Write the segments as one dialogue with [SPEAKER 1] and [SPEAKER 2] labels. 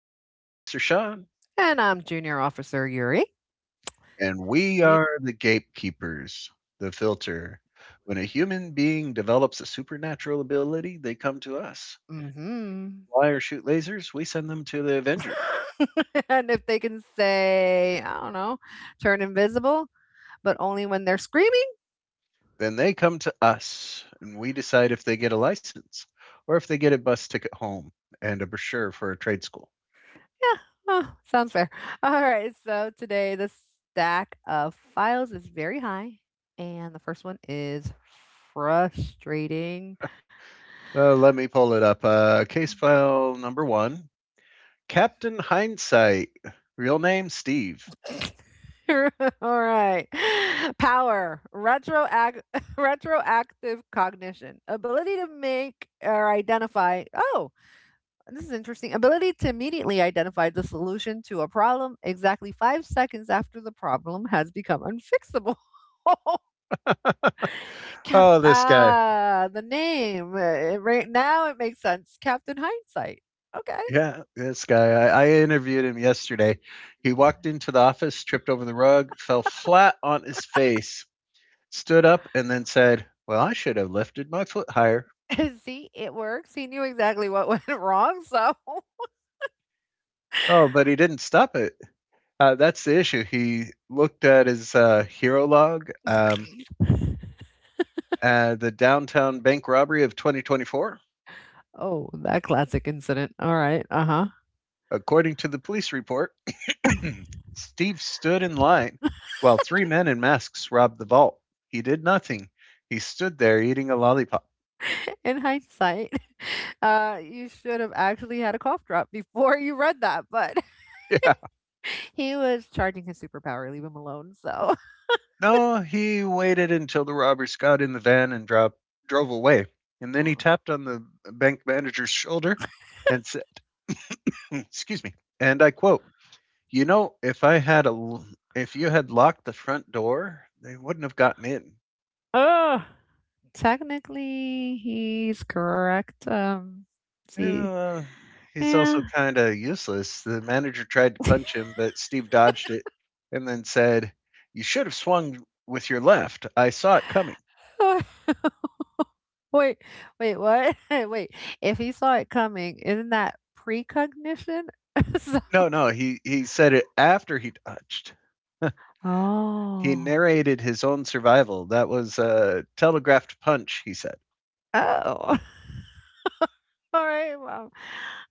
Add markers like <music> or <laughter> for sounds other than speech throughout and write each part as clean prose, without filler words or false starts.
[SPEAKER 1] Senior Officer Sean,
[SPEAKER 2] And I'm Junior Officer Yuri.
[SPEAKER 1] and we
[SPEAKER 2] We
[SPEAKER 1] are the gatekeepers, the filter. When a human being develops a supernatural ability, they come to us.
[SPEAKER 2] mhm.
[SPEAKER 1] Fly or shoot lasers, we send them to the Avengers.
[SPEAKER 2] <laughs> And if they can say, I don't know, turn invisible, but only when they're screaming.
[SPEAKER 1] Then they come to us, and we decide if they get a license or if they get a bus ticket home and a brochure for a trade school.
[SPEAKER 2] Yeah. Oh, sounds fair. <laughs> All right. So today the stack of files is very high. And the first one is frustrating.
[SPEAKER 1] Let me pull it up. Case file number one, Captain Hindsight, real name Steve.
[SPEAKER 2] <laughs> All right. Power, <laughs> retroactive cognition, ability to make or identify, oh, this is interesting. Ability to immediately identify the solution to a problem exactly 5 seconds after the problem has become unfixable. <laughs>
[SPEAKER 1] Oh, this guy.
[SPEAKER 2] The name. Right now it makes sense. Captain Hindsight. Okay.
[SPEAKER 1] Yeah, this guy. I interviewed him yesterday. He walked into the office, tripped over the rug, fell flat on his face, stood up, and then said, "Well, I should have lifted my foot higher."
[SPEAKER 2] <laughs> See, it works. He knew exactly what went <laughs> wrong. So,
[SPEAKER 1] Oh, but he didn't stop it. That's the issue. He looked at his hero log,
[SPEAKER 2] <laughs>
[SPEAKER 1] the downtown bank robbery of 2024.
[SPEAKER 2] oh, that classic incident. All right. Uh huh.
[SPEAKER 1] According to the police report, <clears throat> Steve stood in line while three men in masks robbed the vault. He did nothing. He stood there eating a lollipop.
[SPEAKER 2] <laughs> In hindsight, <laughs> you should have actually had a cough drop before you read that, but
[SPEAKER 1] <laughs> Yeah.
[SPEAKER 2] he was charging his superpower, leave him alone, so <laughs>
[SPEAKER 1] No, he waited until the robbers got in the van and drove away. And then he
[SPEAKER 2] Oh.
[SPEAKER 1] tapped on the bank manager's shoulder and said, "Hmm, excuse me." And I quote, "You know, if you had locked the front door, they wouldn't have gotten in."
[SPEAKER 2] Technically, he's correct,
[SPEAKER 1] Yeah,
[SPEAKER 2] see,
[SPEAKER 1] well, he's also
[SPEAKER 2] yeah.
[SPEAKER 1] kinda useless. The manager tried to punch him, but Steve dodged it and then said, "You should have swung with your left. I saw it coming."
[SPEAKER 2] <laughs> Wait, wait, what? <laughs> Wait, if he saw it coming, isn't that precognition? <laughs> So
[SPEAKER 1] No, no, he said it after he dodged. <laughs> He
[SPEAKER 2] Oh.
[SPEAKER 1] narrated his own survival. "That was a telegraphed punch," he said.
[SPEAKER 2] Oh, <laughs> alright, well,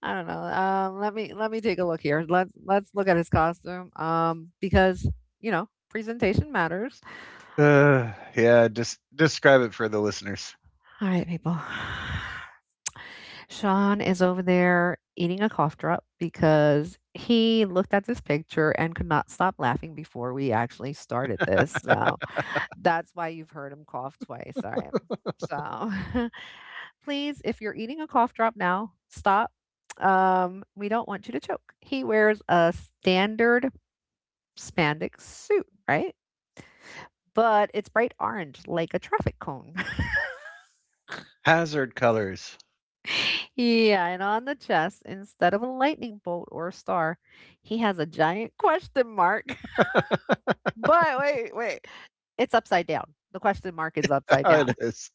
[SPEAKER 2] I don't know, let me take a look here, let's look at his costume, because, you know, presentation matters.
[SPEAKER 1] Uh, yeah, des Describe it for the listeners.
[SPEAKER 2] Alright, people. <sighs> Sean is over there eating a cough drop because he looked at this picture and could not stop laughing before we actually started this. So that's why you've heard him cough twice. All right. So <laughs> please, if you're eating a cough drop now, stop. We don't want you to choke. He wears a standard spandex suit, right? But it's bright orange like a traffic cone. <laughs>
[SPEAKER 1] Hazard colors.
[SPEAKER 2] Yeah, and on the chest, instead of a lightning bolt or a star, he has a giant question mark. <laughs> But wait, wait. It's upside down. The question mark is
[SPEAKER 1] <laughs>
[SPEAKER 2] upside down.
[SPEAKER 1] It is.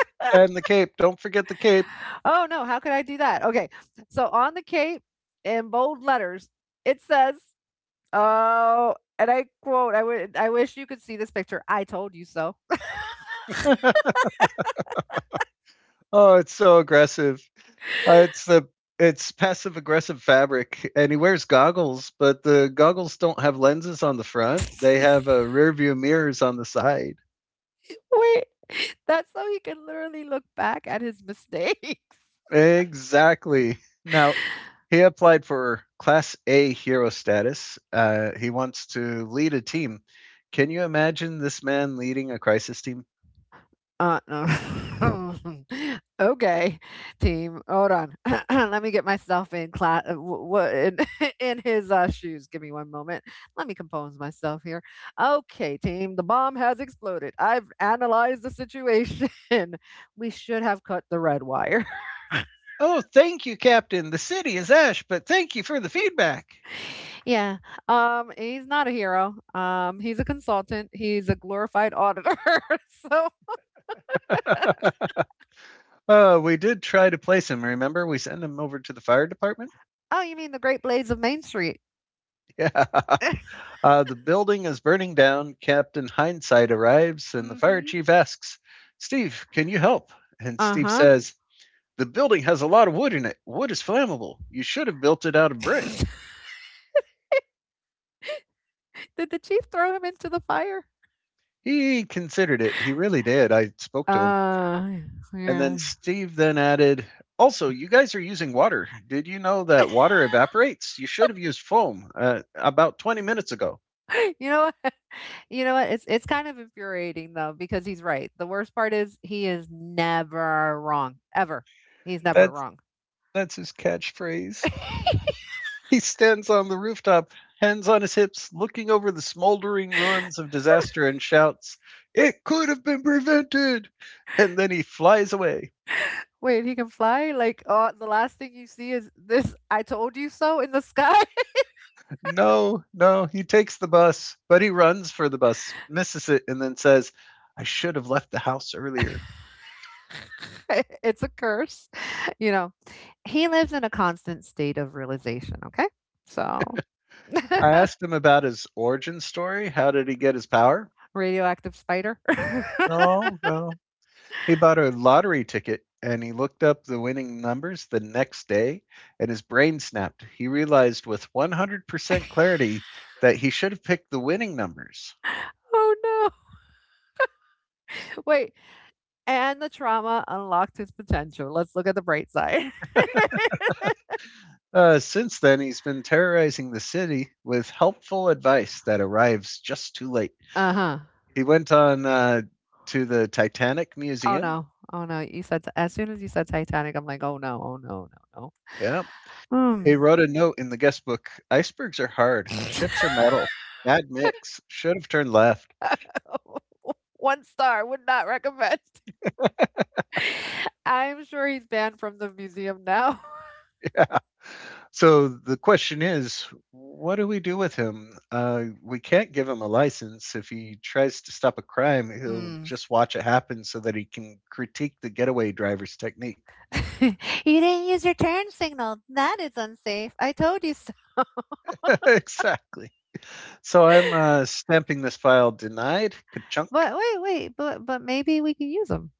[SPEAKER 2] <laughs>
[SPEAKER 1] And the cape. Don't forget the cape.
[SPEAKER 2] Oh no, how could I do that? Okay. So on the cape in bold letters, it says, oh, and I quote, I wish you could see this picture. I told you so.
[SPEAKER 1] <laughs> Oh, it's so aggressive. It's the it's passive aggressive fabric, and he wears goggles, but the goggles don't have lenses on the front. They have rear view mirrors on the side.
[SPEAKER 2] <laughs> Wait. <laughs> That's so he can literally look back at his mistakes.
[SPEAKER 1] Exactly. Now he applied for Class A hero status. He wants to lead a team. Can you imagine this man leading a crisis team?
[SPEAKER 2] No. <laughs> Okay, team. Hold on. <clears throat> Let me get myself in class. What in, <laughs> in his shoes? Give me one moment. Let me compose myself here. Okay, team. The bomb has exploded. I've analyzed the situation. <laughs> We should have cut the red wire.
[SPEAKER 1] Oh, thank you, Captain. The city is ash, but thank you for the feedback.
[SPEAKER 2] <laughs> Yeah. He's not a hero. He's a consultant. He's a glorified auditor. <laughs> so.
[SPEAKER 1] We did try to place him. Remember, we sent him over to the fire department.
[SPEAKER 2] Oh, you mean the Great Blades of Main Street?
[SPEAKER 1] Yeah. <laughs>
[SPEAKER 2] <laughs>
[SPEAKER 1] The building is burning down. Captain Hindsight arrives, and the fire
[SPEAKER 2] Mm-hmm.
[SPEAKER 1] chief asks, "Steve, can you help?" And Steve
[SPEAKER 2] Uh
[SPEAKER 1] says, "The building has a lot of wood in it. Wood is flammable. You should have built it out of brick."
[SPEAKER 2] huh. <laughs> Did the chief throw him into the fire?
[SPEAKER 1] He considered it. He really did. I spoke to him.
[SPEAKER 2] Uh,
[SPEAKER 1] And
[SPEAKER 2] yeah.
[SPEAKER 1] then Steve then added, "Also, you guys are using water. Did you know that water
[SPEAKER 2] <laughs>
[SPEAKER 1] evaporates? You should have used foam about 20 minutes ago."
[SPEAKER 2] You know what? You know what? It's kind of infuriating though because he's right. The worst part is he is never wrong ever. He's never
[SPEAKER 1] That's,
[SPEAKER 2] wrong.
[SPEAKER 1] that's his catchphrase.
[SPEAKER 2] <laughs>
[SPEAKER 1] He stands on the rooftop, hands on his hips, looking over the smoldering ruins of disaster and shouts, "It could have been prevented!" And then he flies away.
[SPEAKER 2] Wait, he can fly? Like, the last thing you see is this "I told you so" in the sky.
[SPEAKER 1] No, no, he takes the bus, but he runs for the bus, misses it, and then says, "I should have left the house earlier."
[SPEAKER 2] <laughs> It's a curse, <laughs> you know. He lives in a constant state of realization, okay? So, <laughs>
[SPEAKER 1] I asked him about his origin story. How did he get his power?
[SPEAKER 2] radioactive spider. <laughs>
[SPEAKER 1] No, no, he bought a lottery ticket and he looked up the winning numbers the next day and his brain snapped. He realized with 100% clarity that he should have picked the winning numbers.
[SPEAKER 2] Oh, no. Wait, and the trauma unlocked his potential. Let's look at the bright side. <laughs>
[SPEAKER 1] Since then, he's been terrorizing the city with helpful advice that arrives just too late.
[SPEAKER 2] Uh-huh.
[SPEAKER 1] He went on to the Titanic
[SPEAKER 2] Oh
[SPEAKER 1] Museum.
[SPEAKER 2] no. Oh no. You said as soon as you said Titanic, I'm like, oh no, oh no, no,
[SPEAKER 1] Yeah.
[SPEAKER 2] no.
[SPEAKER 1] He wrote a note in the guest book: "Icebergs are hard,
[SPEAKER 2] Hmm.
[SPEAKER 1] ships are metal. Mad Mix should have turned left."
[SPEAKER 2] <laughs> One star would not recommend. <laughs> I'm sure he's banned from the museum now. <laughs>
[SPEAKER 1] So the question is, what do we do with him? We can't give him a license. If he tries to stop a crime, he'll
[SPEAKER 2] Mm.
[SPEAKER 1] just watch it happen so that he can critique the getaway driver's technique.
[SPEAKER 2] <laughs> You didn't use your turn signal. That is unsafe. I told you so.
[SPEAKER 1] <laughs> Exactly. So I'm stamping this file denied. Ka-chunk.
[SPEAKER 2] But wait, wait, but maybe we can use them.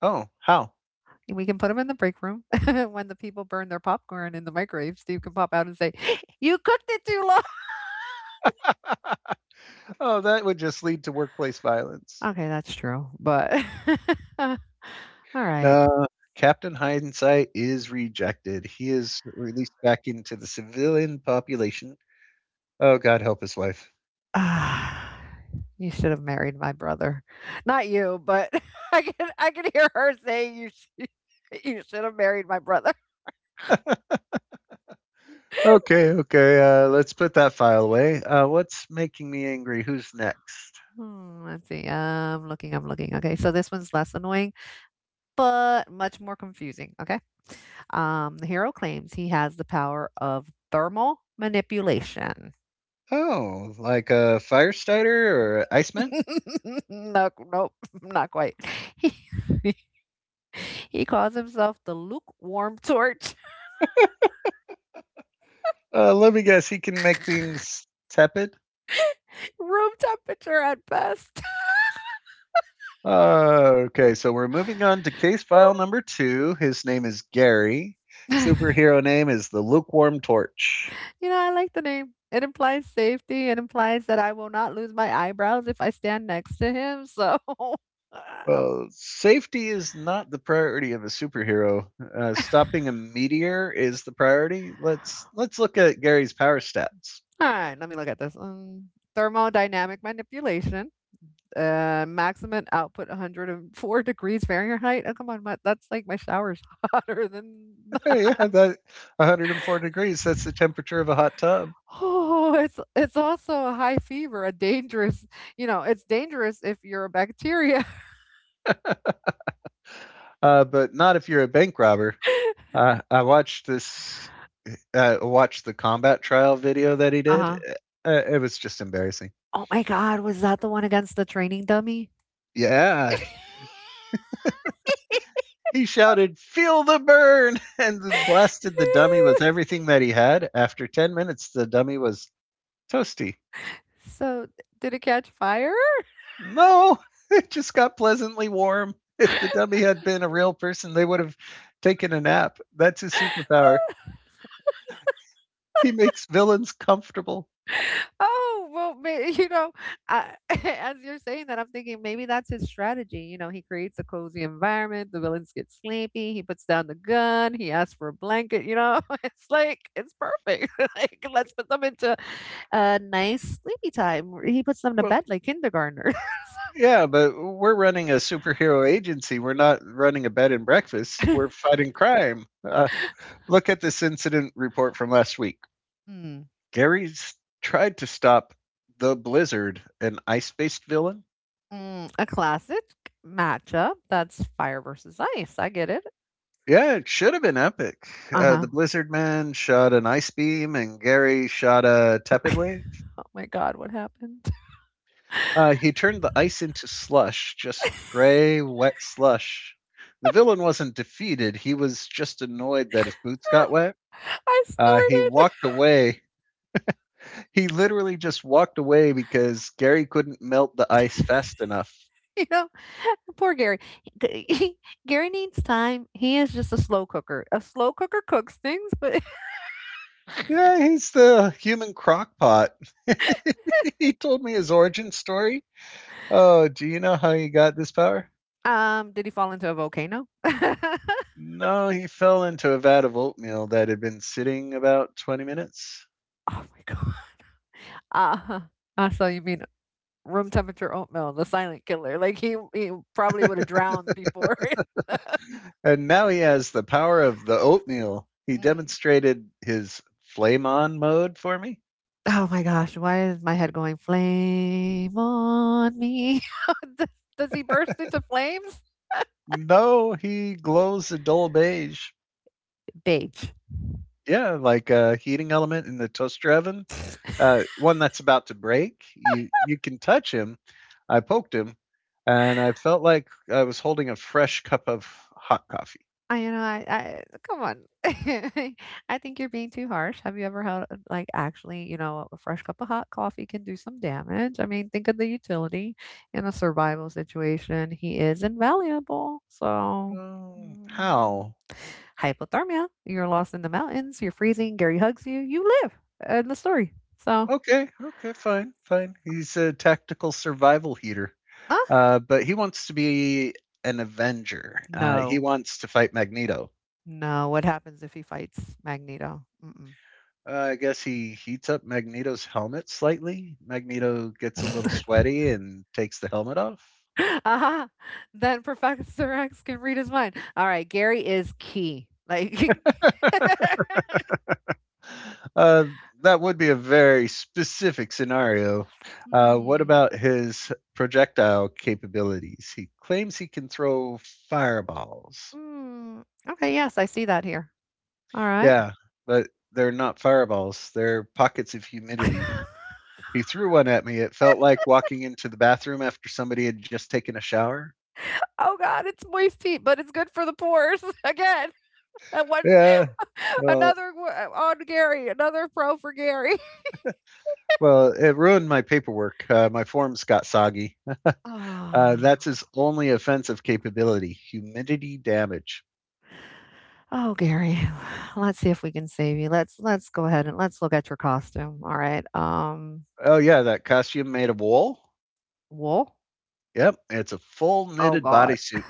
[SPEAKER 1] Oh, how?
[SPEAKER 2] We can put them in the break room. <laughs> When the people burn their popcorn in the microwave, Steve can pop out and say, <laughs> "You cooked it too long."
[SPEAKER 1] <laughs> Oh, that would just lead to workplace violence.
[SPEAKER 2] Okay, that's true, but <laughs> alright.
[SPEAKER 1] No, Captain Hindsight is rejected. He is released back into the civilian population. Oh, God help his wife.
[SPEAKER 2] <sighs> You should have married my brother. Not you, but <laughs> I can hear her saying you should <laughs> you should have married my brother.
[SPEAKER 1] Okay, okay. Let's put that file away. What's making me angry? Who's next?
[SPEAKER 2] Hmm, let's see, I'm looking, I'm looking. Okay, so this one's less annoying, but much more confusing, okay? The hero claims he has the power of thermal manipulation.
[SPEAKER 1] Oh, like a fire starter or Iceman?
[SPEAKER 2] <laughs> No, not quite. <laughs> he he calls himself the lukewarm torch,
[SPEAKER 1] Let me guess. He can make things tepid.
[SPEAKER 2] <laughs> room temperature at best.
[SPEAKER 1] Okay, so we're moving on to case file
[SPEAKER 2] <laughs>
[SPEAKER 1] number two. His name is Gary.
[SPEAKER 2] You
[SPEAKER 1] Superhero name is the Lukewarm Torch.
[SPEAKER 2] know, I like the name. It implies safety. It implies that I will not lose my eyebrows if I stand next to him. So, <laughs>
[SPEAKER 1] Well, safety is not the priority of a superhero. Stopping a meteor is the priority. Let's look at Gary's power stats.
[SPEAKER 2] all right, let me look at this. Thermodynamic manipulation. Maximum output 104 degrees Fahrenheit. Oh, come on, my, that's like my shower's <laughs> hotter than
[SPEAKER 1] Hey, yeah, that 104 degrees. That's the temperature of a hot tub.
[SPEAKER 2] Oh, it's also a high fever, a dangerous you know, it's dangerous if you're a bacteria.
[SPEAKER 1] But not if you're a bank robber.
[SPEAKER 2] <laughs>
[SPEAKER 1] I watched this. Watched the combat trial video that he did.
[SPEAKER 2] Uh-huh.
[SPEAKER 1] It was just embarrassing.
[SPEAKER 2] Oh my god, was that the one against the training dummy?
[SPEAKER 1] Yeah,
[SPEAKER 2] <laughs>
[SPEAKER 1] he shouted, "Feel the burn!" <laughs> and then blasted the dummy with everything that he had. After 10 minutes, the dummy was toasty.
[SPEAKER 2] So, did it catch fire?
[SPEAKER 1] No, <laughs> it just got pleasantly warm. If the dummy had been a real person, they would have taken a nap. That's his
[SPEAKER 2] <laughs>
[SPEAKER 1] superpower. He makes villains comfortable.
[SPEAKER 2] Oh, well, may <laughs> you know, I <laughs> as you're saying that, I'm thinking maybe that's his strategy. You know, he creates a cozy environment, the villains get sleepy, he puts down the gun, he asks for a blanket, you know? <laughs> It's like, it's perfect. <laughs> Like, let's put them into a nice sleepy time. He puts them to
[SPEAKER 1] Well,
[SPEAKER 2] bed like kindergartners.
[SPEAKER 1] yeah, but we're running a superhero agency. We're not running a bed and breakfast. We're
[SPEAKER 2] <laughs>
[SPEAKER 1] fighting crime. Look at this incident report from last week.
[SPEAKER 2] Mm,
[SPEAKER 1] Gary's tried to stop the Blizzard, an ice based villain.
[SPEAKER 2] mm, a classic matchup. That's fire versus ice. I get it.
[SPEAKER 1] Yeah, it should have been epic.
[SPEAKER 2] Uh huh.
[SPEAKER 1] The Blizzard Man shot an ice beam, and Gary shot a tepid wave.
[SPEAKER 2] Oh my God, what happened?
[SPEAKER 1] He turned the ice into slush, just
[SPEAKER 2] <laughs>
[SPEAKER 1] gray, wet slush. The villain wasn't defeated, he was just annoyed that his boots got wet.
[SPEAKER 2] I
[SPEAKER 1] He
[SPEAKER 2] snorted.
[SPEAKER 1] walked away. He literally just walked away because Gary couldn't melt the ice fast enough.
[SPEAKER 2] <laughs> You know, <laughs> poor Gary. G- he- Gary needs time. He is just a slow cooker. A slow cooker cooks things, but
[SPEAKER 1] Yeah, he's the human crockpot. <laughs> He told me his origin story. Oh, do you know how he got this power?
[SPEAKER 2] <laughs> did he fall into a volcano? <laughs> Oh
[SPEAKER 1] No, he fell into a vat of oatmeal that had been sitting about 20 minutes.
[SPEAKER 2] my god. Uh, I saw you mean room temperature oatmeal, the silent killer. Like he probably would have drowned before. <laughs>
[SPEAKER 1] And now he has the power of the oatmeal. He
[SPEAKER 2] Mm.
[SPEAKER 1] demonstrated his flame on mode for me.
[SPEAKER 2] Oh my gosh, why is my head going flame on me? <laughs> does, does he burst into flames?
[SPEAKER 1] No, he glows a dull beige.
[SPEAKER 2] Beige.
[SPEAKER 1] Yeah, like a heating element in the toaster oven. One that's about to break. You can touch him. I poked him, and I felt like I was holding a fresh cup of hot coffee.
[SPEAKER 2] I you know, I Come on. <laughs> I think you're being too harsh. Have you ever had, like, actually, you know, a fresh cup of hot coffee can do some damage. I mean, think of the utility in a survival situation. He is invaluable. So,
[SPEAKER 1] Mm,
[SPEAKER 2] mm,
[SPEAKER 1] how?
[SPEAKER 2] hypothermia, you're lost in the mountains, you're freezing, Gary hugs you, you live. End the story. So,
[SPEAKER 1] Okay, okay, fine, fine. He's a tactical survival heater.
[SPEAKER 2] uh,
[SPEAKER 1] But he wants to be an Avenger. He
[SPEAKER 2] no,
[SPEAKER 1] wants to fight Magneto.
[SPEAKER 2] no. What happens if he fights Magneto? Mm-mm.
[SPEAKER 1] I guess he heats up Magneto's helmet slightly. Magneto gets a little
[SPEAKER 2] <laughs>
[SPEAKER 1] sweaty and takes the helmet off.
[SPEAKER 2] Aha. Then Professor X can read his mind. All right, Gary is key. Like,
[SPEAKER 1] Uh, that would be a very specific scenario.
[SPEAKER 2] <laughs>
[SPEAKER 1] What
[SPEAKER 2] hmm.
[SPEAKER 1] about his projectile capabilities? He claims he can throw fireballs.
[SPEAKER 2] Hmm. Okay, yes, I see that here. All right.
[SPEAKER 1] Yeah, but they're not fireballs, they're pockets of
[SPEAKER 2] <laughs> Oh
[SPEAKER 1] humidity. He threw one at me. It felt like walking into the bathroom after somebody had just taken a shower.
[SPEAKER 2] God, it's moist heat, but it's good for the pores. <laughs> Again, and one
[SPEAKER 1] Yeah.
[SPEAKER 2] <laughs>
[SPEAKER 1] Well,
[SPEAKER 2] another on Gary, another pro for Gary. <laughs>
[SPEAKER 1] well, it ruined my paperwork. My forms got soggy.
[SPEAKER 2] Oh,
[SPEAKER 1] That's his only offensive capability: humidity damage.
[SPEAKER 2] oh, Gary. <sighs> Let's see if we can save you. Let's go ahead and let's look at your costume. All right.
[SPEAKER 1] Oh yeah, that costume made of wool.
[SPEAKER 2] Wool.
[SPEAKER 1] Yep, it's a full
[SPEAKER 2] Oh
[SPEAKER 1] knitted
[SPEAKER 2] God.
[SPEAKER 1] bodysuit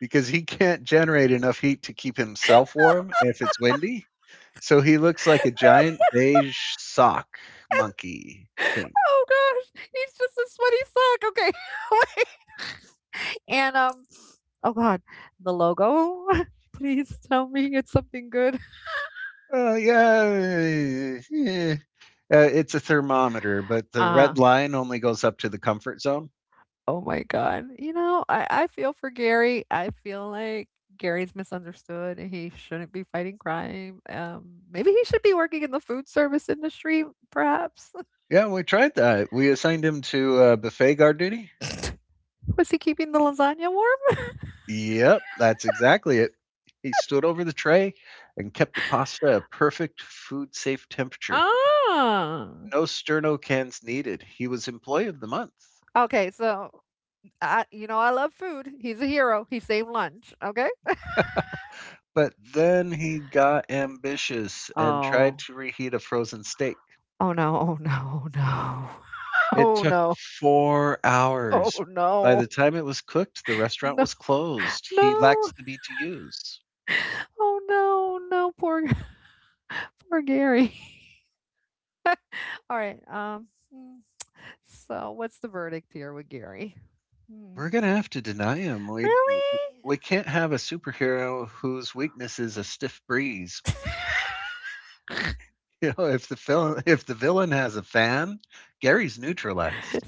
[SPEAKER 1] because he can't generate enough heat to keep himself warm if it's windy. So he looks like a
[SPEAKER 2] <laughs>
[SPEAKER 1] giant beige sock monkey.
[SPEAKER 2] Oh gosh, he's just a sweaty sock. Okay. <laughs> And oh god, the logo. <laughs> Please tell me it's something good.
[SPEAKER 1] Yeah, eh, it's a thermometer, but the
[SPEAKER 2] Uh,
[SPEAKER 1] red line only goes up to the comfort zone.
[SPEAKER 2] oh my god. You know, I feel for Gary. I feel like Gary's misunderstood and he shouldn't be fighting crime. Maybe he should be working in the food service industry, perhaps.
[SPEAKER 1] Yeah, we tried that. We assigned him to buffet guard duty.
[SPEAKER 2] <laughs> Was he keeping the lasagna warm?
[SPEAKER 1] Yep, that's exactly it. He stood over the tray and kept the pasta a perfect food safe temperature.
[SPEAKER 2] Ah.
[SPEAKER 1] No sterno cans needed. He was employee of the month.
[SPEAKER 2] Okay, so you know, I love food. He's a hero. He saved lunch. Okay. <laughs>
[SPEAKER 1] But then he got ambitious and tried
[SPEAKER 2] Oh.
[SPEAKER 1] to reheat a frozen steak.
[SPEAKER 2] Oh, no. Oh, no.
[SPEAKER 1] It
[SPEAKER 2] Oh
[SPEAKER 1] took
[SPEAKER 2] no. <laughs>
[SPEAKER 1] 4
[SPEAKER 2] Oh, no.
[SPEAKER 1] hours.
[SPEAKER 2] Oh,
[SPEAKER 1] By
[SPEAKER 2] no.
[SPEAKER 1] the time it was cooked, the restaurant
[SPEAKER 2] No.
[SPEAKER 1] was closed. He
[SPEAKER 2] No.
[SPEAKER 1] lacks the B T U's.
[SPEAKER 2] Oh, no. No. Poor, <laughs> poor Gary. <laughs> All right. Mm, so, what's the verdict here with Gary? Hmm.
[SPEAKER 1] We're gonna have to deny him. We
[SPEAKER 2] Really?
[SPEAKER 1] we can't have a superhero whose weakness is a stiff breeze. <laughs>
[SPEAKER 2] <laughs>
[SPEAKER 1] You know, if the villain has a fan, Gary's neutralized.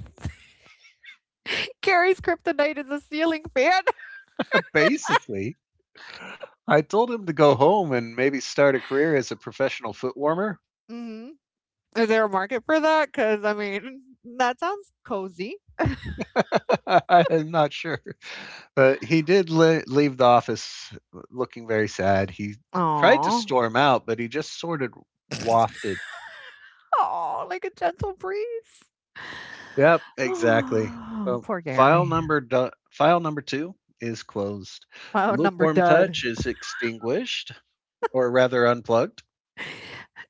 [SPEAKER 2] Gary's kryptonite is a ceiling fan.
[SPEAKER 1] <laughs> Basically, I told him to go home and maybe start a career as a professional foot warmer.
[SPEAKER 2] <laughs> Hmm. Is there a market for that? Because, I mean, that sounds cozy.
[SPEAKER 1] <laughs> I'm not sure. But he did leave the office looking very sad. He tried to
[SPEAKER 2] Aw.
[SPEAKER 1] storm out, but he just sort of wafted.
[SPEAKER 2] Oh, like a gentle breeze.
[SPEAKER 1] Yep,
[SPEAKER 2] <sighs>
[SPEAKER 1] exactly.
[SPEAKER 2] Oh,
[SPEAKER 1] Well,
[SPEAKER 2] poor Gary.
[SPEAKER 1] file number 2 is closed.
[SPEAKER 2] Phone number
[SPEAKER 1] Lukewarm
[SPEAKER 2] dud.
[SPEAKER 1] touch is extinguished or rather unplugged.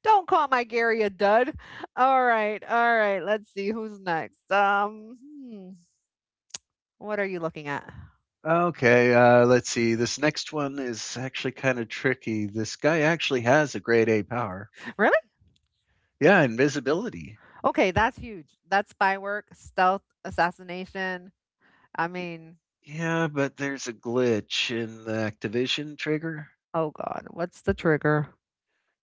[SPEAKER 2] Don't call my Gary a dud. All right, all right. Let's see who's next. Hmm, what are you looking at?
[SPEAKER 1] Okay, let's see. This next one is actually kind of tricky. This guy actually has a grade A power.
[SPEAKER 2] Really?
[SPEAKER 1] Yeah, invisibility.
[SPEAKER 2] Okay, that's huge. That's spy work, stealth, assassination. I mean,
[SPEAKER 1] Yeah, but there's a glitch in the activation trigger.
[SPEAKER 2] oh god, what's the trigger?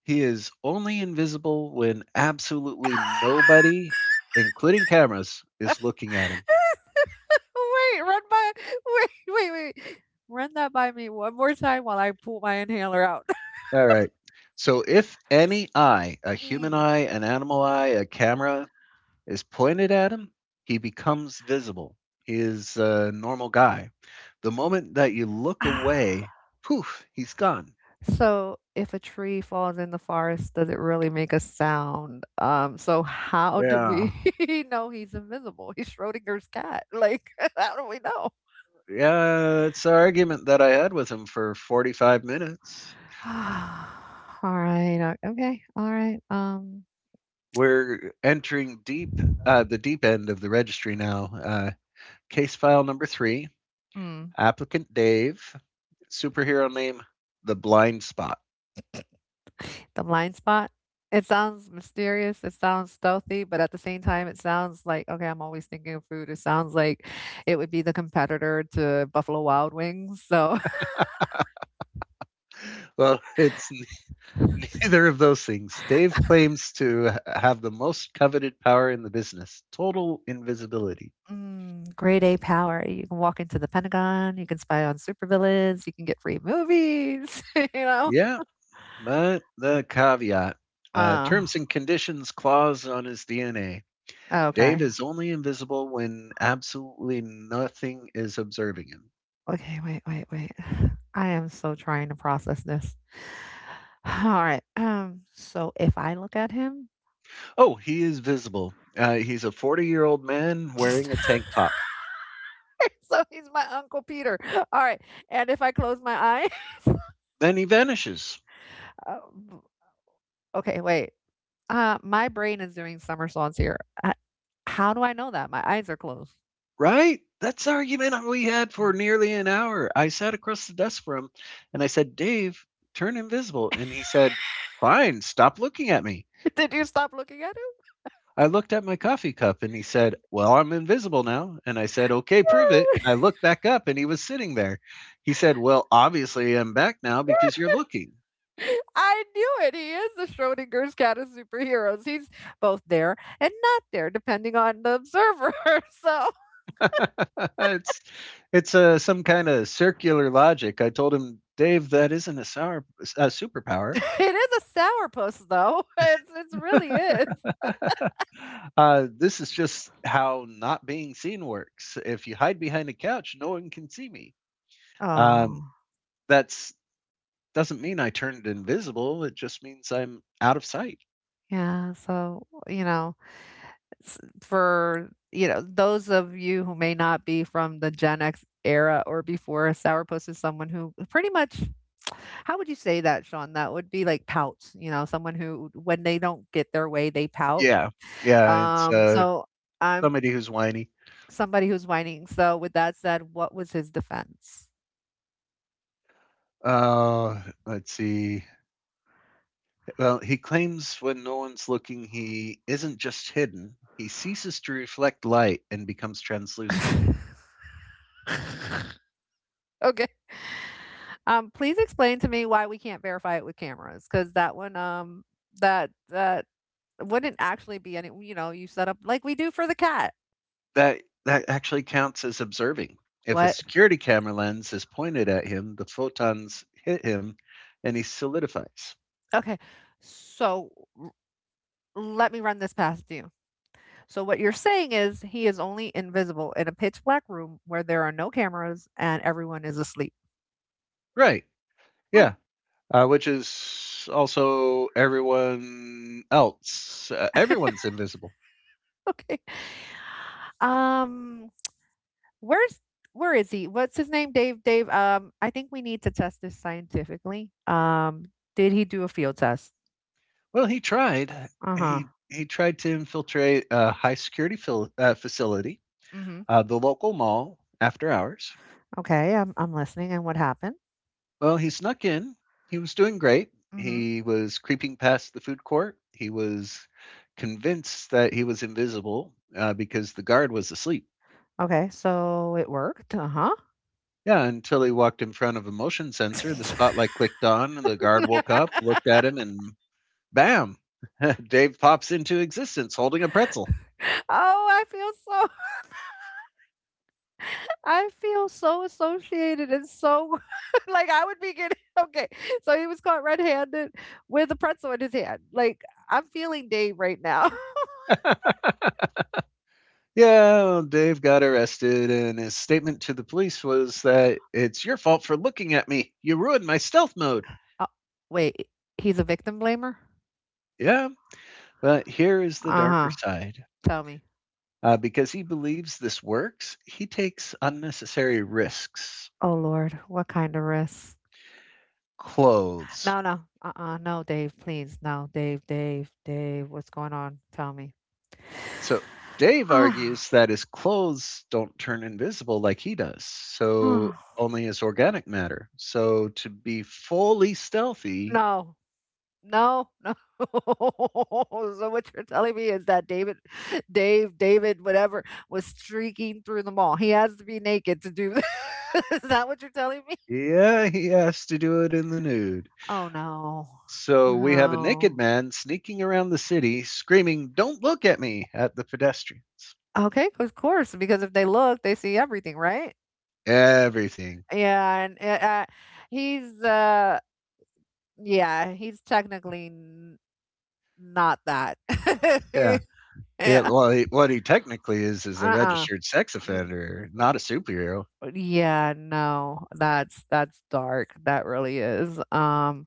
[SPEAKER 1] He is only invisible when absolutely nobody, including cameras,
[SPEAKER 2] <laughs> Wait,
[SPEAKER 1] is looking at him.
[SPEAKER 2] run by. Wait, wait, wait. Run that by me one more time while I pull my inhaler out. <laughs>
[SPEAKER 1] All right. So if any eye, a human
[SPEAKER 2] Mm.
[SPEAKER 1] eye, an animal eye, a camera, is pointed at him, he becomes visible. He is a normal guy. The moment that you look away,
[SPEAKER 2] <sighs>
[SPEAKER 1] poof, he's gone.
[SPEAKER 2] So, if a tree falls in the forest, does it really make a sound? So how do
[SPEAKER 1] Yeah.
[SPEAKER 2] we <laughs> know he's invisible? He's Schrodinger's cat. Like, <laughs> how do we know?
[SPEAKER 1] Yeah. It's an argument that I had with him for 45 minutes.
[SPEAKER 2] <sighs> All right. Okay. All right.
[SPEAKER 1] We're entering deep, the deep end of the registry now. Case file number three,
[SPEAKER 2] Hmm.
[SPEAKER 1] applicant Dave, superhero name The Blind Spot.
[SPEAKER 2] The blind spot. It sounds mysterious. It sounds stealthy, but at the same time, it sounds like, okay, I'm always thinking of food. It sounds like it would be the competitor to Buffalo Wild Wings. So <laughs>
[SPEAKER 1] Well, <laughs> it's neither of those things. Dave claims to have the most coveted power in the business total invisibility.
[SPEAKER 2] mm, grade A power. You can walk into the Pentagon, you can spy on supervillains, you can get free movies, <laughs> you know?
[SPEAKER 1] Yeah, but the caveat
[SPEAKER 2] Uh,
[SPEAKER 1] terms and conditions clause on his DNA. Dave
[SPEAKER 2] okay.
[SPEAKER 1] is only invisible when absolutely nothing is observing him.
[SPEAKER 2] Okay, wait, wait, wait. <sighs> I am so trying to process this. <sighs> All right. So if I look at him,
[SPEAKER 1] Oh, he is visible. He's a 40-year-old man wearing a
[SPEAKER 2] <laughs>
[SPEAKER 1] tank top.
[SPEAKER 2] so he's my Uncle Peter. All right. And if I close my eye,
[SPEAKER 1] Then he vanishes,
[SPEAKER 2] <laughs> uh, b- okay, wait. My brain is doing somersaults here. Uh, how do I know that? My eyes are closed.
[SPEAKER 1] right? That's the argument we had for nearly an hour. I sat across the desk from him and I said, Dave, turn invisible. And he said, Fine, stop looking at me.
[SPEAKER 2] <laughs> Did you stop looking at it?
[SPEAKER 1] I looked at my coffee cup and he said, Well, I'm invisible now. And I said, Okay, prove it. I
[SPEAKER 2] <laughs>
[SPEAKER 1] looked back up and he was sitting there. He said, Well, obviously I'm back now because you're looking.
[SPEAKER 2] I knew it. He is the Schrodinger's cat of superheroes. He's both there and not there, depending on the observer. <laughs> So
[SPEAKER 1] <laughs> it's it's some kind of circular logic. I told him, Dave, that isn't a
[SPEAKER 2] <laughs>
[SPEAKER 1] superpower.
[SPEAKER 2] it is a sourpuss, though. <laughs> It really is.
[SPEAKER 1] This is just how not being seen works. If you hide behind a couch, no one can see me. Um,
[SPEAKER 2] Oh,
[SPEAKER 1] that's doesn't mean I turned invisible. It just means I'm out of sight.
[SPEAKER 2] yeah. So for those of you who may not be from the Gen X era or before, a sourpuss is someone who pretty much. How would you say that, Sean? That would be like pouts. You know, someone who, when they don't get their way, they pout.
[SPEAKER 1] Yeah, yeah. It's
[SPEAKER 2] Um, so I'm
[SPEAKER 1] somebody who's whiny.
[SPEAKER 2] somebody who's whining. So with that said, what was his defense? <laughs>
[SPEAKER 1] Uh, let's see. Well, he claims when no one's looking, he isn't just hidden, he ceases to reflect light and becomes translucent.
[SPEAKER 2] Okay. Please explain to me why we can't verify it with cameras, because that one, that wouldn't actually be any. You know, you set up like we do for the cat.
[SPEAKER 1] That actually counts as observing. If a, right,
[SPEAKER 2] What?
[SPEAKER 1] security camera lens is pointed at him, the photons hit him and he solidifies.
[SPEAKER 2] Okay. So let me run this past you. So what you're saying is he is only invisible in a pitch black room where there are no cameras and everyone is asleep.
[SPEAKER 1] Right.
[SPEAKER 2] Oh,
[SPEAKER 1] Yeah. Which is also everyone else. Everyone's invisible.
[SPEAKER 2] okay. Um, Where's where is he? What's his name? Dave, Dave, I think we need to test this scientifically. Um, did he do a field test?
[SPEAKER 1] Well, he tried.
[SPEAKER 2] Uh-huh.
[SPEAKER 1] He tried to infiltrate a high security facility,
[SPEAKER 2] Mm-hmm.
[SPEAKER 1] the local mall after hours.
[SPEAKER 2] Okay, I'm listening. And what happened?
[SPEAKER 1] Well, he snuck in. He was doing great.
[SPEAKER 2] Mm-hmm.
[SPEAKER 1] He was creeping past the food court. He was convinced that he was invisible because the guard was asleep.
[SPEAKER 2] Okay, so it worked. Uh-huh.
[SPEAKER 1] Yeah, until he walked in front of a motion sensor. The spotlight clicked on, and the guard woke up, looked at him, and bam! <laughs> Dave pops into existence holding a pretzel.
[SPEAKER 2] <laughs> Oh, I feel so. <laughs> I feel so associated and so, <laughs> like I would be getting, <laughs> okay. So he was caught red-handed with a pretzel in his hand. Like I'm feeling Dave right now. <laughs>
[SPEAKER 1] Yeah, well, Dave got arrested, and his statement to the police was that it's your fault for looking at me. You ruined my stealth mode.
[SPEAKER 2] Uh, wait, he's a victim blamer?
[SPEAKER 1] Yeah, but here is the darker
[SPEAKER 2] Uh-huh.
[SPEAKER 1] side.
[SPEAKER 2] Tell me.
[SPEAKER 1] Because he believes this works, he takes unnecessary risks.
[SPEAKER 2] Oh Lord, what kind of risks?
[SPEAKER 1] Clothes.
[SPEAKER 2] No, no. Uh-uh. No, Dave, please. No, Dave, Dave, Dave, what's going on? Tell me. <sighs>
[SPEAKER 1] So Dave
[SPEAKER 2] Ah,
[SPEAKER 1] argues that his clothes don't turn invisible like he does, so
[SPEAKER 2] ah.
[SPEAKER 1] only his organic matter. So to be fully stealthy,
[SPEAKER 2] No. No, no. <laughs> So what you're telling me is that David, Dave, David, whatever, was streaking through the mall. He has to be naked to do this. <laughs> Is that what you're telling me?
[SPEAKER 1] yeah, he has to do it in the nude.
[SPEAKER 2] Oh no.
[SPEAKER 1] So we have a
[SPEAKER 2] No.
[SPEAKER 1] naked man sneaking around the city screaming, Don't look at me, at the pedestrians.
[SPEAKER 2] Okay, of course, because if they look, they see everything, right?
[SPEAKER 1] Everything.
[SPEAKER 2] Yeah, and he's. Yeah, he's technically not that.
[SPEAKER 1] Yeah,
[SPEAKER 2] <laughs>
[SPEAKER 1] yeah,
[SPEAKER 2] Yeah.
[SPEAKER 1] well, he what he technically is a
[SPEAKER 2] Uh-uh.
[SPEAKER 1] registered sex
[SPEAKER 2] Mm,
[SPEAKER 1] offender,
[SPEAKER 2] mm.
[SPEAKER 1] not a superhero.
[SPEAKER 2] Yeah, no. That's dark. That really is. Um,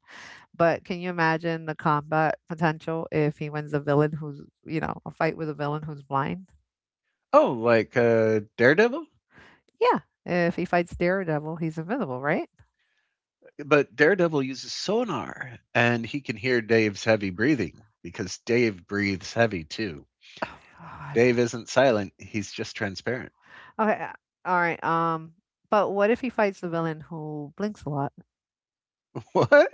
[SPEAKER 2] but can you imagine the combat potential if he wins a villain who's, a fight with a villain who's blind?
[SPEAKER 1] Oh, like, Daredevil?
[SPEAKER 2] Yeah. If he fights Daredevil, he's invisible, right?
[SPEAKER 1] But Daredevil uses sonar, and he can hear Dave's heavy breathing because Dave breathes heavy, too.
[SPEAKER 2] Oh God.
[SPEAKER 1] Dave isn't silent, he's just transparent.
[SPEAKER 2] Okay. All right. But what if he fights the villain who blinks a lot?
[SPEAKER 1] <laughs> What?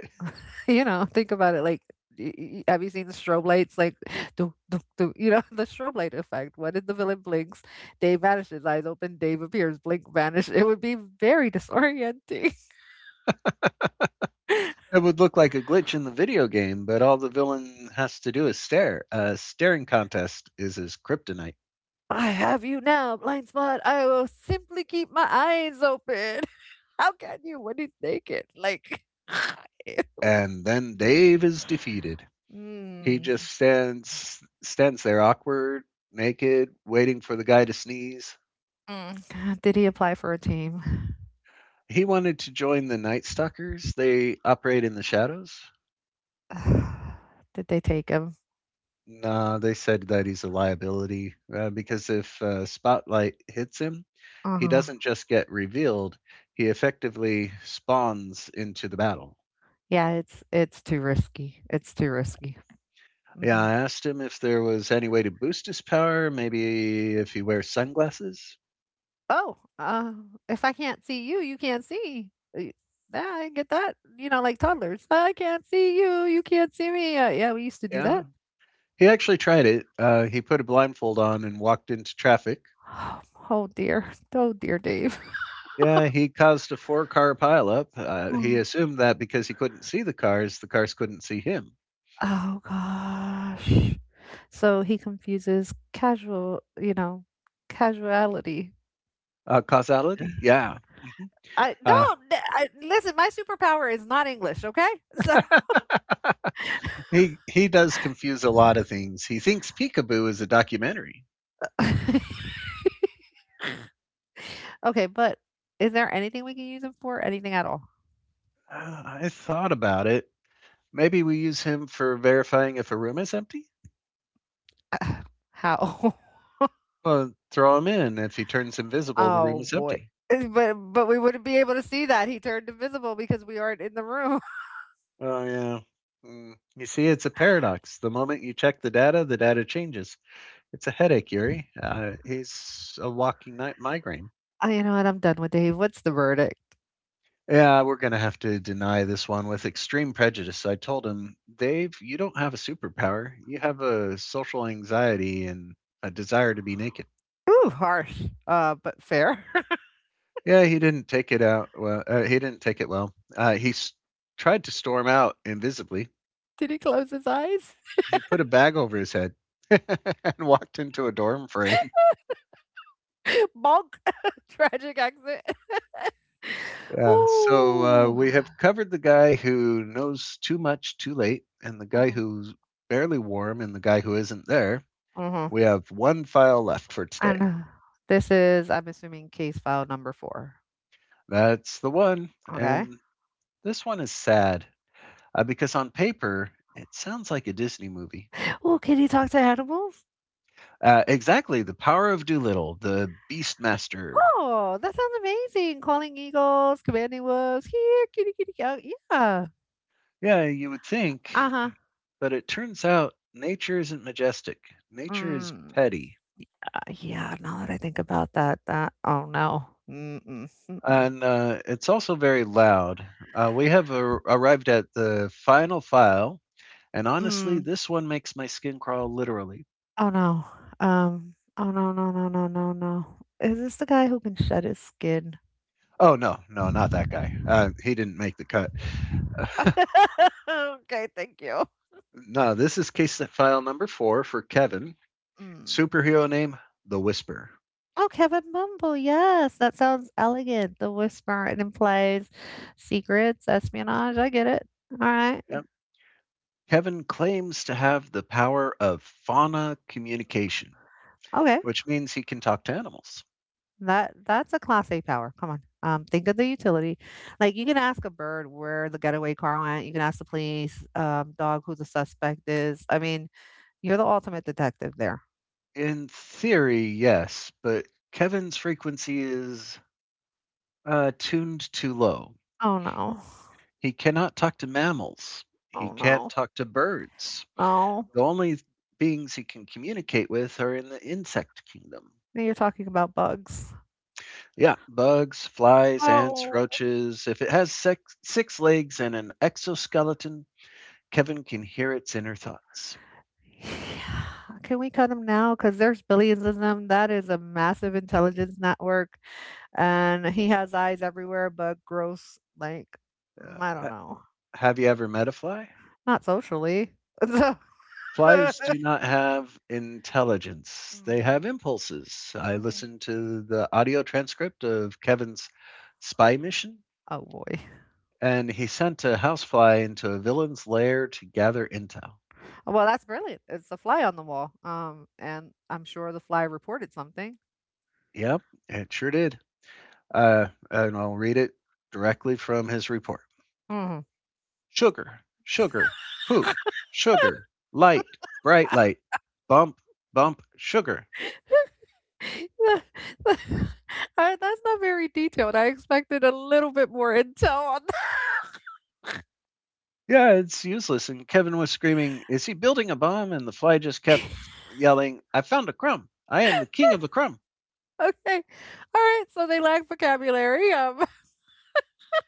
[SPEAKER 2] You know, think about it, like, y y have you seen the strobe lights? Like, <gasps> "Do, do, do," you know, <laughs> the strobe light effect. When the villain blinks, Dave vanishes, eyes open, Dave appears, blink, vanish. It would be very disorienting.
[SPEAKER 1] It would look like a glitch in the video game, but all the villain has to do is stare. A staring contest is his kryptonite,
[SPEAKER 2] <laughs> "I have you now, blind spot. I will simply keep my eyes open." <laughs> How can you when he's naked? Like, <laughs>
[SPEAKER 1] and then Dave is defeated. He
[SPEAKER 2] mm,
[SPEAKER 1] just stands there awkward, naked, waiting for the guy to sneeze.
[SPEAKER 2] mm. Did he apply for a team?
[SPEAKER 1] He wanted to join the Night Stalkers. They operate in the shadows.
[SPEAKER 2] <sighs> Did they take him?
[SPEAKER 1] Nah, they said that he's a liability because if Spotlight hits him, he
[SPEAKER 2] Uh-huh.
[SPEAKER 1] doesn't just get revealed, he effectively spawns into the battle.
[SPEAKER 2] Yeah, it's too risky. It's too risky.
[SPEAKER 1] Yeah,
[SPEAKER 2] Mhm.
[SPEAKER 1] I asked him if there was any way to boost his power, maybe if he wears sunglasses.
[SPEAKER 2] Oh, if I can't see you, you can't see. Y Yeah, I get that, you know, like toddlers, "I can't see you, you can't see me." Yeah, we used to do
[SPEAKER 1] Yeah.
[SPEAKER 2] that. <sighs>
[SPEAKER 1] He actually tried it. He put a blindfold on and walked into traffic.
[SPEAKER 2] Oh oh dear. Oh dear, Dave. <laughs>
[SPEAKER 1] Yeah, he caused a four-car pileup. He
[SPEAKER 2] Oh.
[SPEAKER 1] assumed that because he couldn't see the cars couldn't see him.
[SPEAKER 2] Oh gosh. So he confuses casual casuality. Uh,
[SPEAKER 1] Causality? Yeah.
[SPEAKER 2] I
[SPEAKER 1] Uh,
[SPEAKER 2] don't I listen, my superpower is not English, okay? <laughs> So
[SPEAKER 1] <laughs> he does confuse a lot of things. He thinks Peekaboo is a documentary.
[SPEAKER 2] <laughs> Okay, but is there anything we can use him for? Anything at all?
[SPEAKER 1] I thought about it. Maybe we use him for verifying if a room is empty.
[SPEAKER 2] <sighs> How? <laughs>
[SPEAKER 1] Well, throw him in. If he turns invisible, the room
[SPEAKER 2] Oh
[SPEAKER 1] is
[SPEAKER 2] boy. <laughs>
[SPEAKER 1] empty.
[SPEAKER 2] But we wouldn't be able to see that, he turned invisible because we aren't in the room. <laughs>
[SPEAKER 1] Oh yeah. Mm. You see, it's a paradox. The moment you check the data changes. It's a headache, Yuri. He's a walking night migraine.
[SPEAKER 2] You know what, I'm done with Dave, what's the verdict?
[SPEAKER 1] Yeah, we're gonna have to deny this one with extreme prejudice. I told him, Dave, you don't have a superpower. You have a social anxiety and a desire to be naked.
[SPEAKER 2] Ooh, harsh, but fair. <laughs>
[SPEAKER 1] Yeah, he didn't take it out. Well, he didn't take it well. He tried to storm out invisibly.
[SPEAKER 2] Did he close his eyes?
[SPEAKER 1] He put a bag over his head <laughs> and walked into a dorm frame.
[SPEAKER 2] <laughs> Bonk. <laughs> Tragic accident. <laughs>
[SPEAKER 1] Yeah, so,
[SPEAKER 2] Ooh.
[SPEAKER 1] we have covered the guy who knows too much too late, and the guy
[SPEAKER 2] Mhm,
[SPEAKER 1] who's barely warm, and the guy who isn't there.
[SPEAKER 2] mhm,
[SPEAKER 1] We have 1 file left for today.
[SPEAKER 2] and this is, I'm assuming, case file number 4.
[SPEAKER 1] That's the one,
[SPEAKER 2] Okay.
[SPEAKER 1] and this one is sad, because on paper, it sounds like a Disney movie.
[SPEAKER 2] Oh, can he talk to animals?
[SPEAKER 1] Exactly, The Power of Doolittle, the Beastmaster.
[SPEAKER 2] Oh, that sounds amazing, calling eagles, commanding wolves, "Here, kitty, kitty, go." Yeah.
[SPEAKER 1] Yeah, you would think,
[SPEAKER 2] Uh-huh.
[SPEAKER 1] but it turns out nature isn't majestic. Nature is
[SPEAKER 2] Mm.
[SPEAKER 1] petty.
[SPEAKER 2] Yeah, now that I think about that, that oh no. Mm-mm, mm-mm,
[SPEAKER 1] And it's also very loud. We have arrived at the final file, and honestly,
[SPEAKER 2] mm.
[SPEAKER 1] this one makes my skin crawl literally.
[SPEAKER 2] Oh no. Oh no, no, no, no, no, no. Is this the guy who can shed his skin?
[SPEAKER 1] Oh no, no, not that guy. He didn't make the cut. <laughs>
[SPEAKER 2] <laughs> Okay, thank you.
[SPEAKER 1] No, this is case file number four for Kevin.
[SPEAKER 2] Mm.
[SPEAKER 1] Superhero name: The Whisper.
[SPEAKER 2] Oh, Kevin Bumble, yes, that sounds elegant. The whisper, it implies secrets, espionage. I get it. All right.
[SPEAKER 1] Yep. Kevin claims to have the power of fauna communication,
[SPEAKER 2] Okay.
[SPEAKER 1] which means he can talk to animals.
[SPEAKER 2] That's a class A power. Come on. Think of the utility. Like you can ask a bird where the getaway car went. You can ask the police, dog who the suspect is. I mean, you're the ultimate detective there.
[SPEAKER 1] In theory, yes, but Kevin's frequency is tuned too low.
[SPEAKER 2] Oh no.
[SPEAKER 1] He cannot talk to mammals. He
[SPEAKER 2] Oh
[SPEAKER 1] can't
[SPEAKER 2] no.
[SPEAKER 1] talk to birds.
[SPEAKER 2] No.
[SPEAKER 1] The only beings he can communicate with are in the insect kingdom.
[SPEAKER 2] Now you're talking about bugs.
[SPEAKER 1] Yeah, bugs, flies, ants,
[SPEAKER 2] Oh.
[SPEAKER 1] roaches. If it has six legs and an exoskeleton, Kevin can hear its inner thoughts.
[SPEAKER 2] <sighs> Yeah. Can we cut them now? Because there's billions of them. That is a massive intelligence network. And he has eyes everywhere, but gross, like,
[SPEAKER 1] Uh,
[SPEAKER 2] I don't know.
[SPEAKER 1] have you ever met a fly?
[SPEAKER 2] Not socially. <laughs> <laughs>
[SPEAKER 1] Flies do not have intelligence, they
[SPEAKER 2] Mm,
[SPEAKER 1] have impulses. I
[SPEAKER 2] mm.
[SPEAKER 1] listened to the audio transcript of Kevin's spy mission.
[SPEAKER 2] Oh boy. <laughs>
[SPEAKER 1] And he sent a housefly into a villain's lair to gather intel.
[SPEAKER 2] Well, that's brilliant. It's a fly on the wall. And I'm sure the fly reported something.
[SPEAKER 1] Yep, it sure did. And I'll read it directly from his report.
[SPEAKER 2] Mm.
[SPEAKER 1] Sugar, sugar, poop,
[SPEAKER 2] <laughs>
[SPEAKER 1] sugar, light, bright light, bump, bump, sugar.
[SPEAKER 2] I- that's not very detailed. I expected a little bit more intel on
[SPEAKER 1] Yeah, it's useless. And Kevin was screaming, Is he building a bomb? And the fly just
[SPEAKER 2] that.
[SPEAKER 1] kept
[SPEAKER 2] <laughs>
[SPEAKER 1] yelling, I found a crumb. I am the king of the crumb.
[SPEAKER 2] Okay. All right. So they lack vocabulary.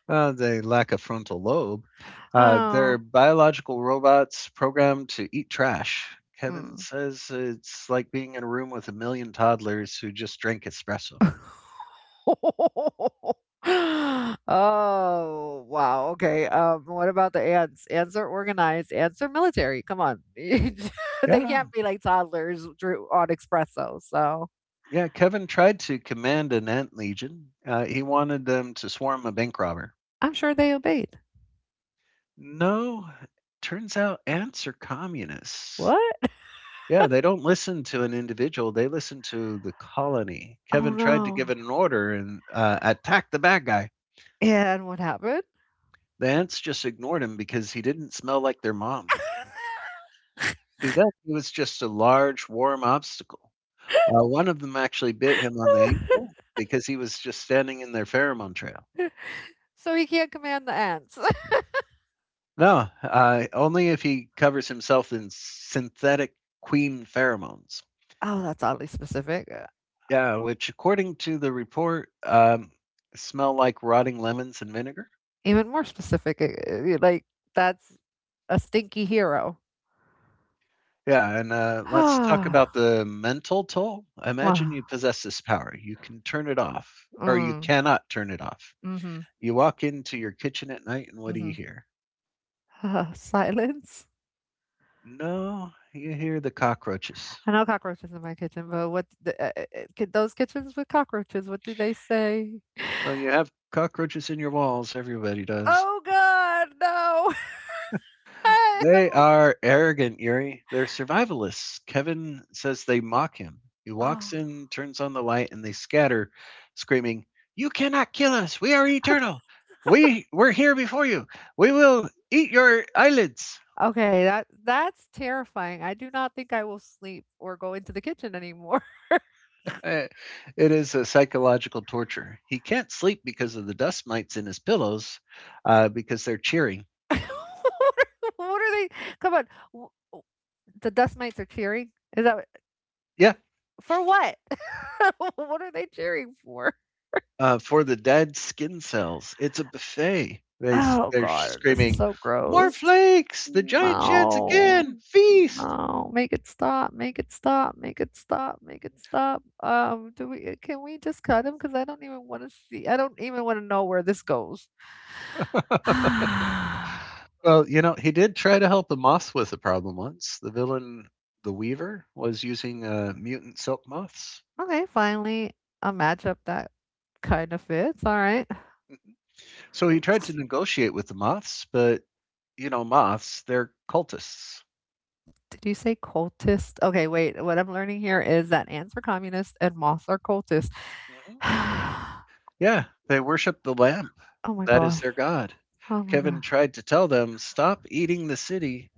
[SPEAKER 1] They lack a frontal lobe.
[SPEAKER 2] <laughs>
[SPEAKER 1] They're
[SPEAKER 2] Oh.
[SPEAKER 1] biological robots programmed to eat trash. Kevin
[SPEAKER 2] Mm.
[SPEAKER 1] says it's like being in a room with a million toddlers who just drank espresso.
[SPEAKER 2] <laughs> <laughs> Oh, wow, okay, what about the ants? Ants are organized, ants are military, come on. <laughs> They can't
[SPEAKER 1] Yeah.
[SPEAKER 2] be like toddlers drew on espresso, so
[SPEAKER 1] Yeah. Kevin tried to command an ant legion. He wanted them to swarm a bank robber.
[SPEAKER 2] I'm sure they obeyed.
[SPEAKER 1] No, turns out ants are communists.
[SPEAKER 2] What?
[SPEAKER 1] Yeah, they don't listen to an individual, they listen to the colony.
[SPEAKER 2] Oh,
[SPEAKER 1] Kevin tried to give
[SPEAKER 2] no.
[SPEAKER 1] it an order and attack the bad guy.
[SPEAKER 2] And what happened?
[SPEAKER 1] The ants just ignored him because he didn't smell like their mom.
[SPEAKER 2] <laughs>
[SPEAKER 1] To them, he was just a large, warm obstacle. One of them actually bit him on the ankle because he was just standing in their pheromone trail.
[SPEAKER 2] So he can't command the ants. <laughs>
[SPEAKER 1] No, only if he covers himself in synthetic queen pheromones.
[SPEAKER 2] Oh, that's oddly specific. Uh,
[SPEAKER 1] Yeah, which, according to the report, smell like rotting lemons and vinegar.
[SPEAKER 2] even more specific, like, that's a stinky hero.
[SPEAKER 1] Yeah, and
[SPEAKER 2] <sighs>
[SPEAKER 1] let's talk
[SPEAKER 2] Wow.
[SPEAKER 1] about the mental toll. Imagine you possess this power. You can turn it off, or you
[SPEAKER 2] Mm.
[SPEAKER 1] cannot turn it off.
[SPEAKER 2] Mhm,
[SPEAKER 1] You walk into your kitchen at night and what do you
[SPEAKER 2] mhm.
[SPEAKER 1] hear?
[SPEAKER 2] <laughs> Silence?
[SPEAKER 1] No, you hear the cockroaches.
[SPEAKER 2] I know cockroaches in my kitchen, but what the, those kitchens with cockroaches, what do they say?
[SPEAKER 1] Well, you have cockroaches in your walls, everybody does.
[SPEAKER 2] Oh god, no. <laughs> I
[SPEAKER 1] They
[SPEAKER 2] am
[SPEAKER 1] are arrogant, Yuri. They're survivalists. Kevin says they mock him. He walks
[SPEAKER 2] a-
[SPEAKER 1] in, turns on the light, and they scatter, screaming, You cannot kill us. We are eternal. We were here before you. We will eat your eyelids.
[SPEAKER 2] <sighs> Okay, that's terrifying. I do not think I will sleep or go into the kitchen anymore. <laughs>
[SPEAKER 1] Eh, It is a psychological torture. He can't sleep because of the dust mites in his pillows, because they're cheering.
[SPEAKER 2] What are what are they? Come on. w- w- The dust mites are cheering? Is that
[SPEAKER 1] Yeah,
[SPEAKER 2] for what? <laughs> What are they cheering for?
[SPEAKER 1] for the dead skin cells. It's a buffet.
[SPEAKER 2] Oh
[SPEAKER 1] They're
[SPEAKER 2] god, this is
[SPEAKER 1] screaming,
[SPEAKER 2] so
[SPEAKER 1] "More
[SPEAKER 2] gross.
[SPEAKER 1] flakes! The giant sheds
[SPEAKER 2] No.
[SPEAKER 1] again! Feast!"
[SPEAKER 2] No, make it stop, make it stop, make it stop, make it stop. Do we can we just cut him? Because I don't even want to see, I don't even want to know where this goes. <sighs> Okay,
[SPEAKER 1] Well, he did try to help a moth with a problem once. The villain, the Weaver, was using mutant silk moths,
[SPEAKER 2] finally, a matchup that kind of fits. All right.
[SPEAKER 1] so he tried to negotiate with the moths, but moths—they're cultists.
[SPEAKER 2] Did you say cultist? Okay, wait. What I'm learning here is that ants are communist and moths are cultist. <sighs>
[SPEAKER 1] Mhm.
[SPEAKER 2] Oh
[SPEAKER 1] Yeah, they worship the lamp.
[SPEAKER 2] my
[SPEAKER 1] That is
[SPEAKER 2] gosh.
[SPEAKER 1] their god.
[SPEAKER 2] Oh my
[SPEAKER 1] Kevin
[SPEAKER 2] god.
[SPEAKER 1] tried to tell them, "Stop eating the city,"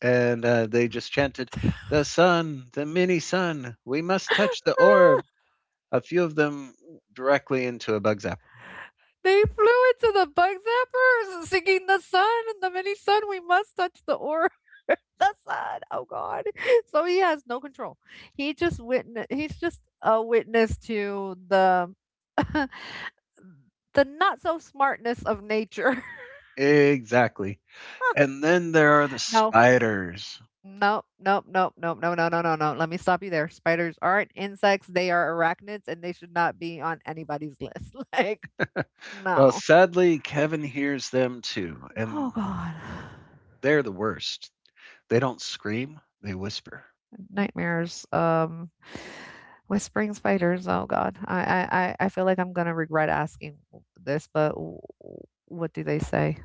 [SPEAKER 1] and, they just chanted, "The sun, the mini sun, we must touch the orb."
[SPEAKER 2] <laughs> <gasps>
[SPEAKER 1] A few of them directly into a bug zapper.
[SPEAKER 2] They flew into the bug zappers singing the sun and the mini sun. We must touch the aura, <laughs> the sun. Oh God. So he has no control. He's just a witness to the <laughs> the not so smartness of nature. <laughs>
[SPEAKER 1] Exactly. And then there are the
[SPEAKER 2] No,
[SPEAKER 1] spiders.
[SPEAKER 2] no, no, no, no, no, no, no, no, no. Let me stop you there. Spiders aren't insects. They are arachnids and they should not be on anybody's list. <laughs> Like,
[SPEAKER 1] Well,
[SPEAKER 2] no.
[SPEAKER 1] sadly, Kevin hears them too,
[SPEAKER 2] Oh
[SPEAKER 1] and
[SPEAKER 2] God.
[SPEAKER 1] they're the worst. They don't scream, they whisper.
[SPEAKER 2] Nightmares. Whispering spiders. Oh God, I feel like I'm gonna regret asking this, but what do they say?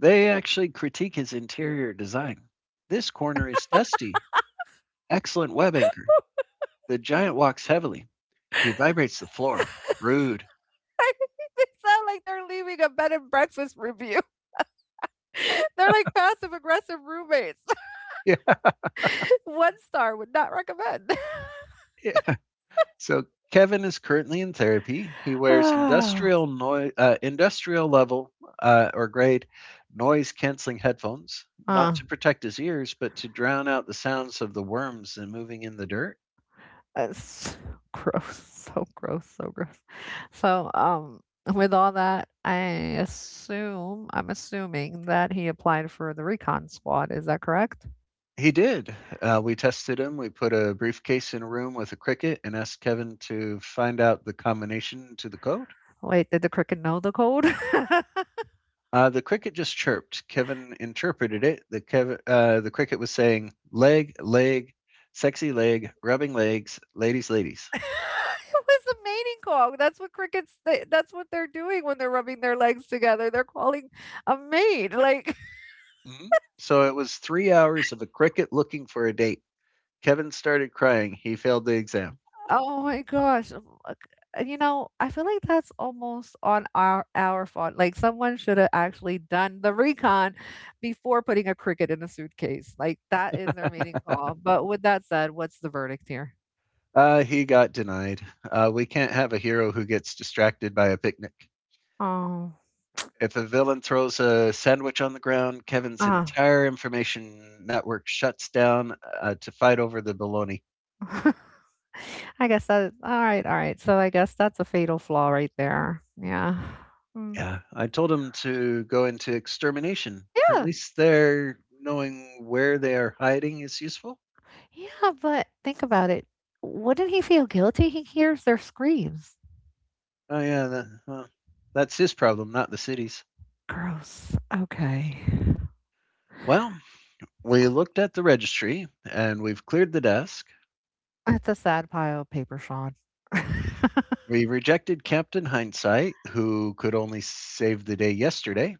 [SPEAKER 1] They actually critique his interior design. This corner is dusty. Excellent web anchor. The giant walks heavily. He vibrates the floor. Rude. <laughs>
[SPEAKER 2] <laughs> They sound like they're leaving a bed and breakfast review. <laughs> They're like passive aggressive roommates.
[SPEAKER 1] Yeah,
[SPEAKER 2] <laughs> One star would not recommend. <laughs> <sighs>
[SPEAKER 1] yeah. So Kevin is currently in therapy. He wears industrial noise, industrial level or grade noise canceling headphones, not
[SPEAKER 2] Ah,
[SPEAKER 1] to protect his ears, but to drown out the sounds of the worms and moving in the dirt.
[SPEAKER 2] it's <laughs> gross, so gross, so gross. So, with all that, I'm assuming that he applied for the recon squad. Is that correct?
[SPEAKER 1] He did. We tested him. We put a briefcase in a room with a cricket and asked Kevin to find out the combination to the code.
[SPEAKER 2] Wait, did the cricket know the code? <laughs> It was
[SPEAKER 1] The cricket just chirped. Kevin interpreted it. The cricket was saying leg, leg, sexy leg, rubbing legs, ladies, ladies.
[SPEAKER 2] a mating call. That's what crickets. They, that's what they're doing when they're rubbing their legs together. They're calling a mate. Like,
[SPEAKER 1] Mm-hmm. So it was 3 hours of a cricket looking for a date. Kevin started crying. He failed the exam.
[SPEAKER 2] oh my gosh. You know, I feel like that's almost on our fault. Like someone should have actually done the recon before putting a cricket in a suitcase. Like that is their mating call. But with that said, what's the verdict here?
[SPEAKER 1] He got denied. We can't have a hero who gets distracted by a picnic.
[SPEAKER 2] Oh,
[SPEAKER 1] If a villain throws a sandwich on the ground, Kevin's
[SPEAKER 2] uh,
[SPEAKER 1] entire information network shuts down to fight over the bologna.
[SPEAKER 2] <laughs> I guess that, all right, all right. So I guess that's a fatal flaw right there. Yeah. Mm.
[SPEAKER 1] Yeah, I told 'em to go into extermination. At
[SPEAKER 2] Yeah.
[SPEAKER 1] least there, knowing where they are hiding is useful.
[SPEAKER 2] Yeah, but think about it. Wouldn't he feel guilty? He hears their screams.
[SPEAKER 1] Oh, yeah, that, well, that's his problem, not the city's.
[SPEAKER 2] Gross. Okay.
[SPEAKER 1] Well, we looked at the registry and we've cleared the desk.
[SPEAKER 2] It's a sad pile of paper, Sean. <laughs>
[SPEAKER 1] We rejected Captain Hindsight, who could only save the day yesterday.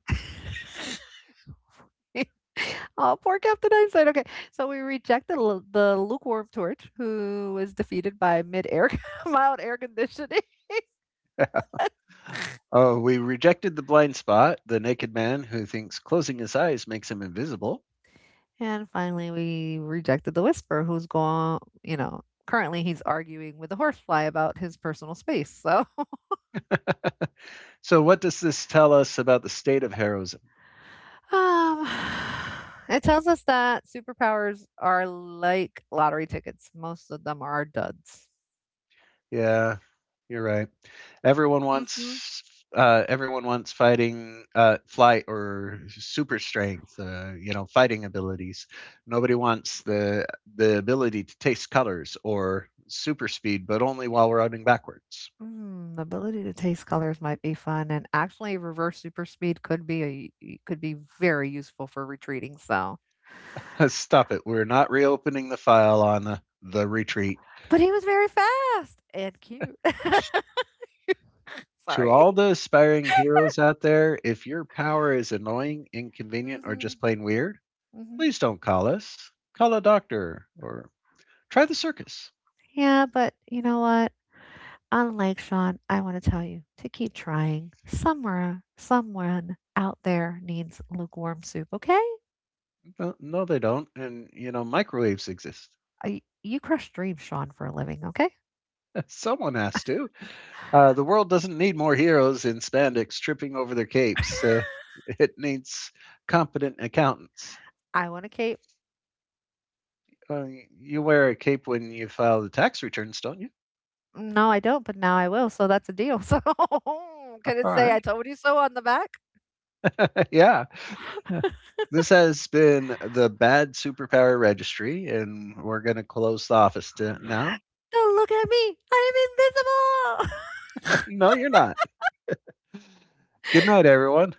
[SPEAKER 2] Oh, poor Captain Einstein. Okay, so we rejected the lukewarm torch, who was defeated by mid-air, <laughs> mild air conditioning,
[SPEAKER 1] Oh, we rejected the blind spot, the naked man who thinks closing his eyes makes him invisible.
[SPEAKER 2] and finally we rejected the whisper, who's going, currently he's arguing with the horsefly about his personal space. So,
[SPEAKER 1] <laughs> So, what does this tell us about the state of Harrow's
[SPEAKER 2] um, <sighs> it tells us that superpowers are like lottery tickets; most of them are duds.
[SPEAKER 1] Yeah, you're right. Everyone
[SPEAKER 2] Hmm.
[SPEAKER 1] wants Everyone wants fighting flight or super strength, fighting abilities. Nobody wants the ability to taste colors or super speed, but only while we're running backwards.
[SPEAKER 2] Mm, the ability to taste colors might be fun, and actually, reverse super speed could be very useful for retreating. So,
[SPEAKER 1] <laughs> Stop it. We're not reopening the file on the retreat.
[SPEAKER 2] but he was very fast and cute. <laughs>
[SPEAKER 1] To
[SPEAKER 2] Sorry.
[SPEAKER 1] all the aspiring heroes out there, if your power is annoying, inconvenient, or
[SPEAKER 2] Hmm.
[SPEAKER 1] just plain weird,
[SPEAKER 2] Hmm.
[SPEAKER 1] please don't call us. Call a doctor or try the circus.
[SPEAKER 2] Yeah, but you know what? Unlike Sean, I want to tell you to keep trying. Somewhere, someone out there needs lukewarm soup. Okay?
[SPEAKER 1] No, no, they don't. And microwaves exist.
[SPEAKER 2] You crush dreams, Sean, for a living. Okay?
[SPEAKER 1] <laughs> Someone has to. The world doesn't need more heroes in spandex tripping over their capes.
[SPEAKER 2] <laughs>
[SPEAKER 1] It needs competent accountants.
[SPEAKER 2] I want to keep
[SPEAKER 1] Uh, you wear a cape when you file the tax returns, don't you?
[SPEAKER 2] No, I don't, but now I will, so that's a deal. <laughs> So,
[SPEAKER 1] All
[SPEAKER 2] can it say "I
[SPEAKER 1] right.
[SPEAKER 2] told you so" on the back?
[SPEAKER 1] <laughs> Yeah.
[SPEAKER 2] <laughs>
[SPEAKER 1] This has been the Bad Superpower Registry, and we're going to close the office to now.
[SPEAKER 2] Don't look at me, I'm invisible!
[SPEAKER 1] <laughs>
[SPEAKER 2] <laughs>
[SPEAKER 1] No, you're not. Good night, everyone.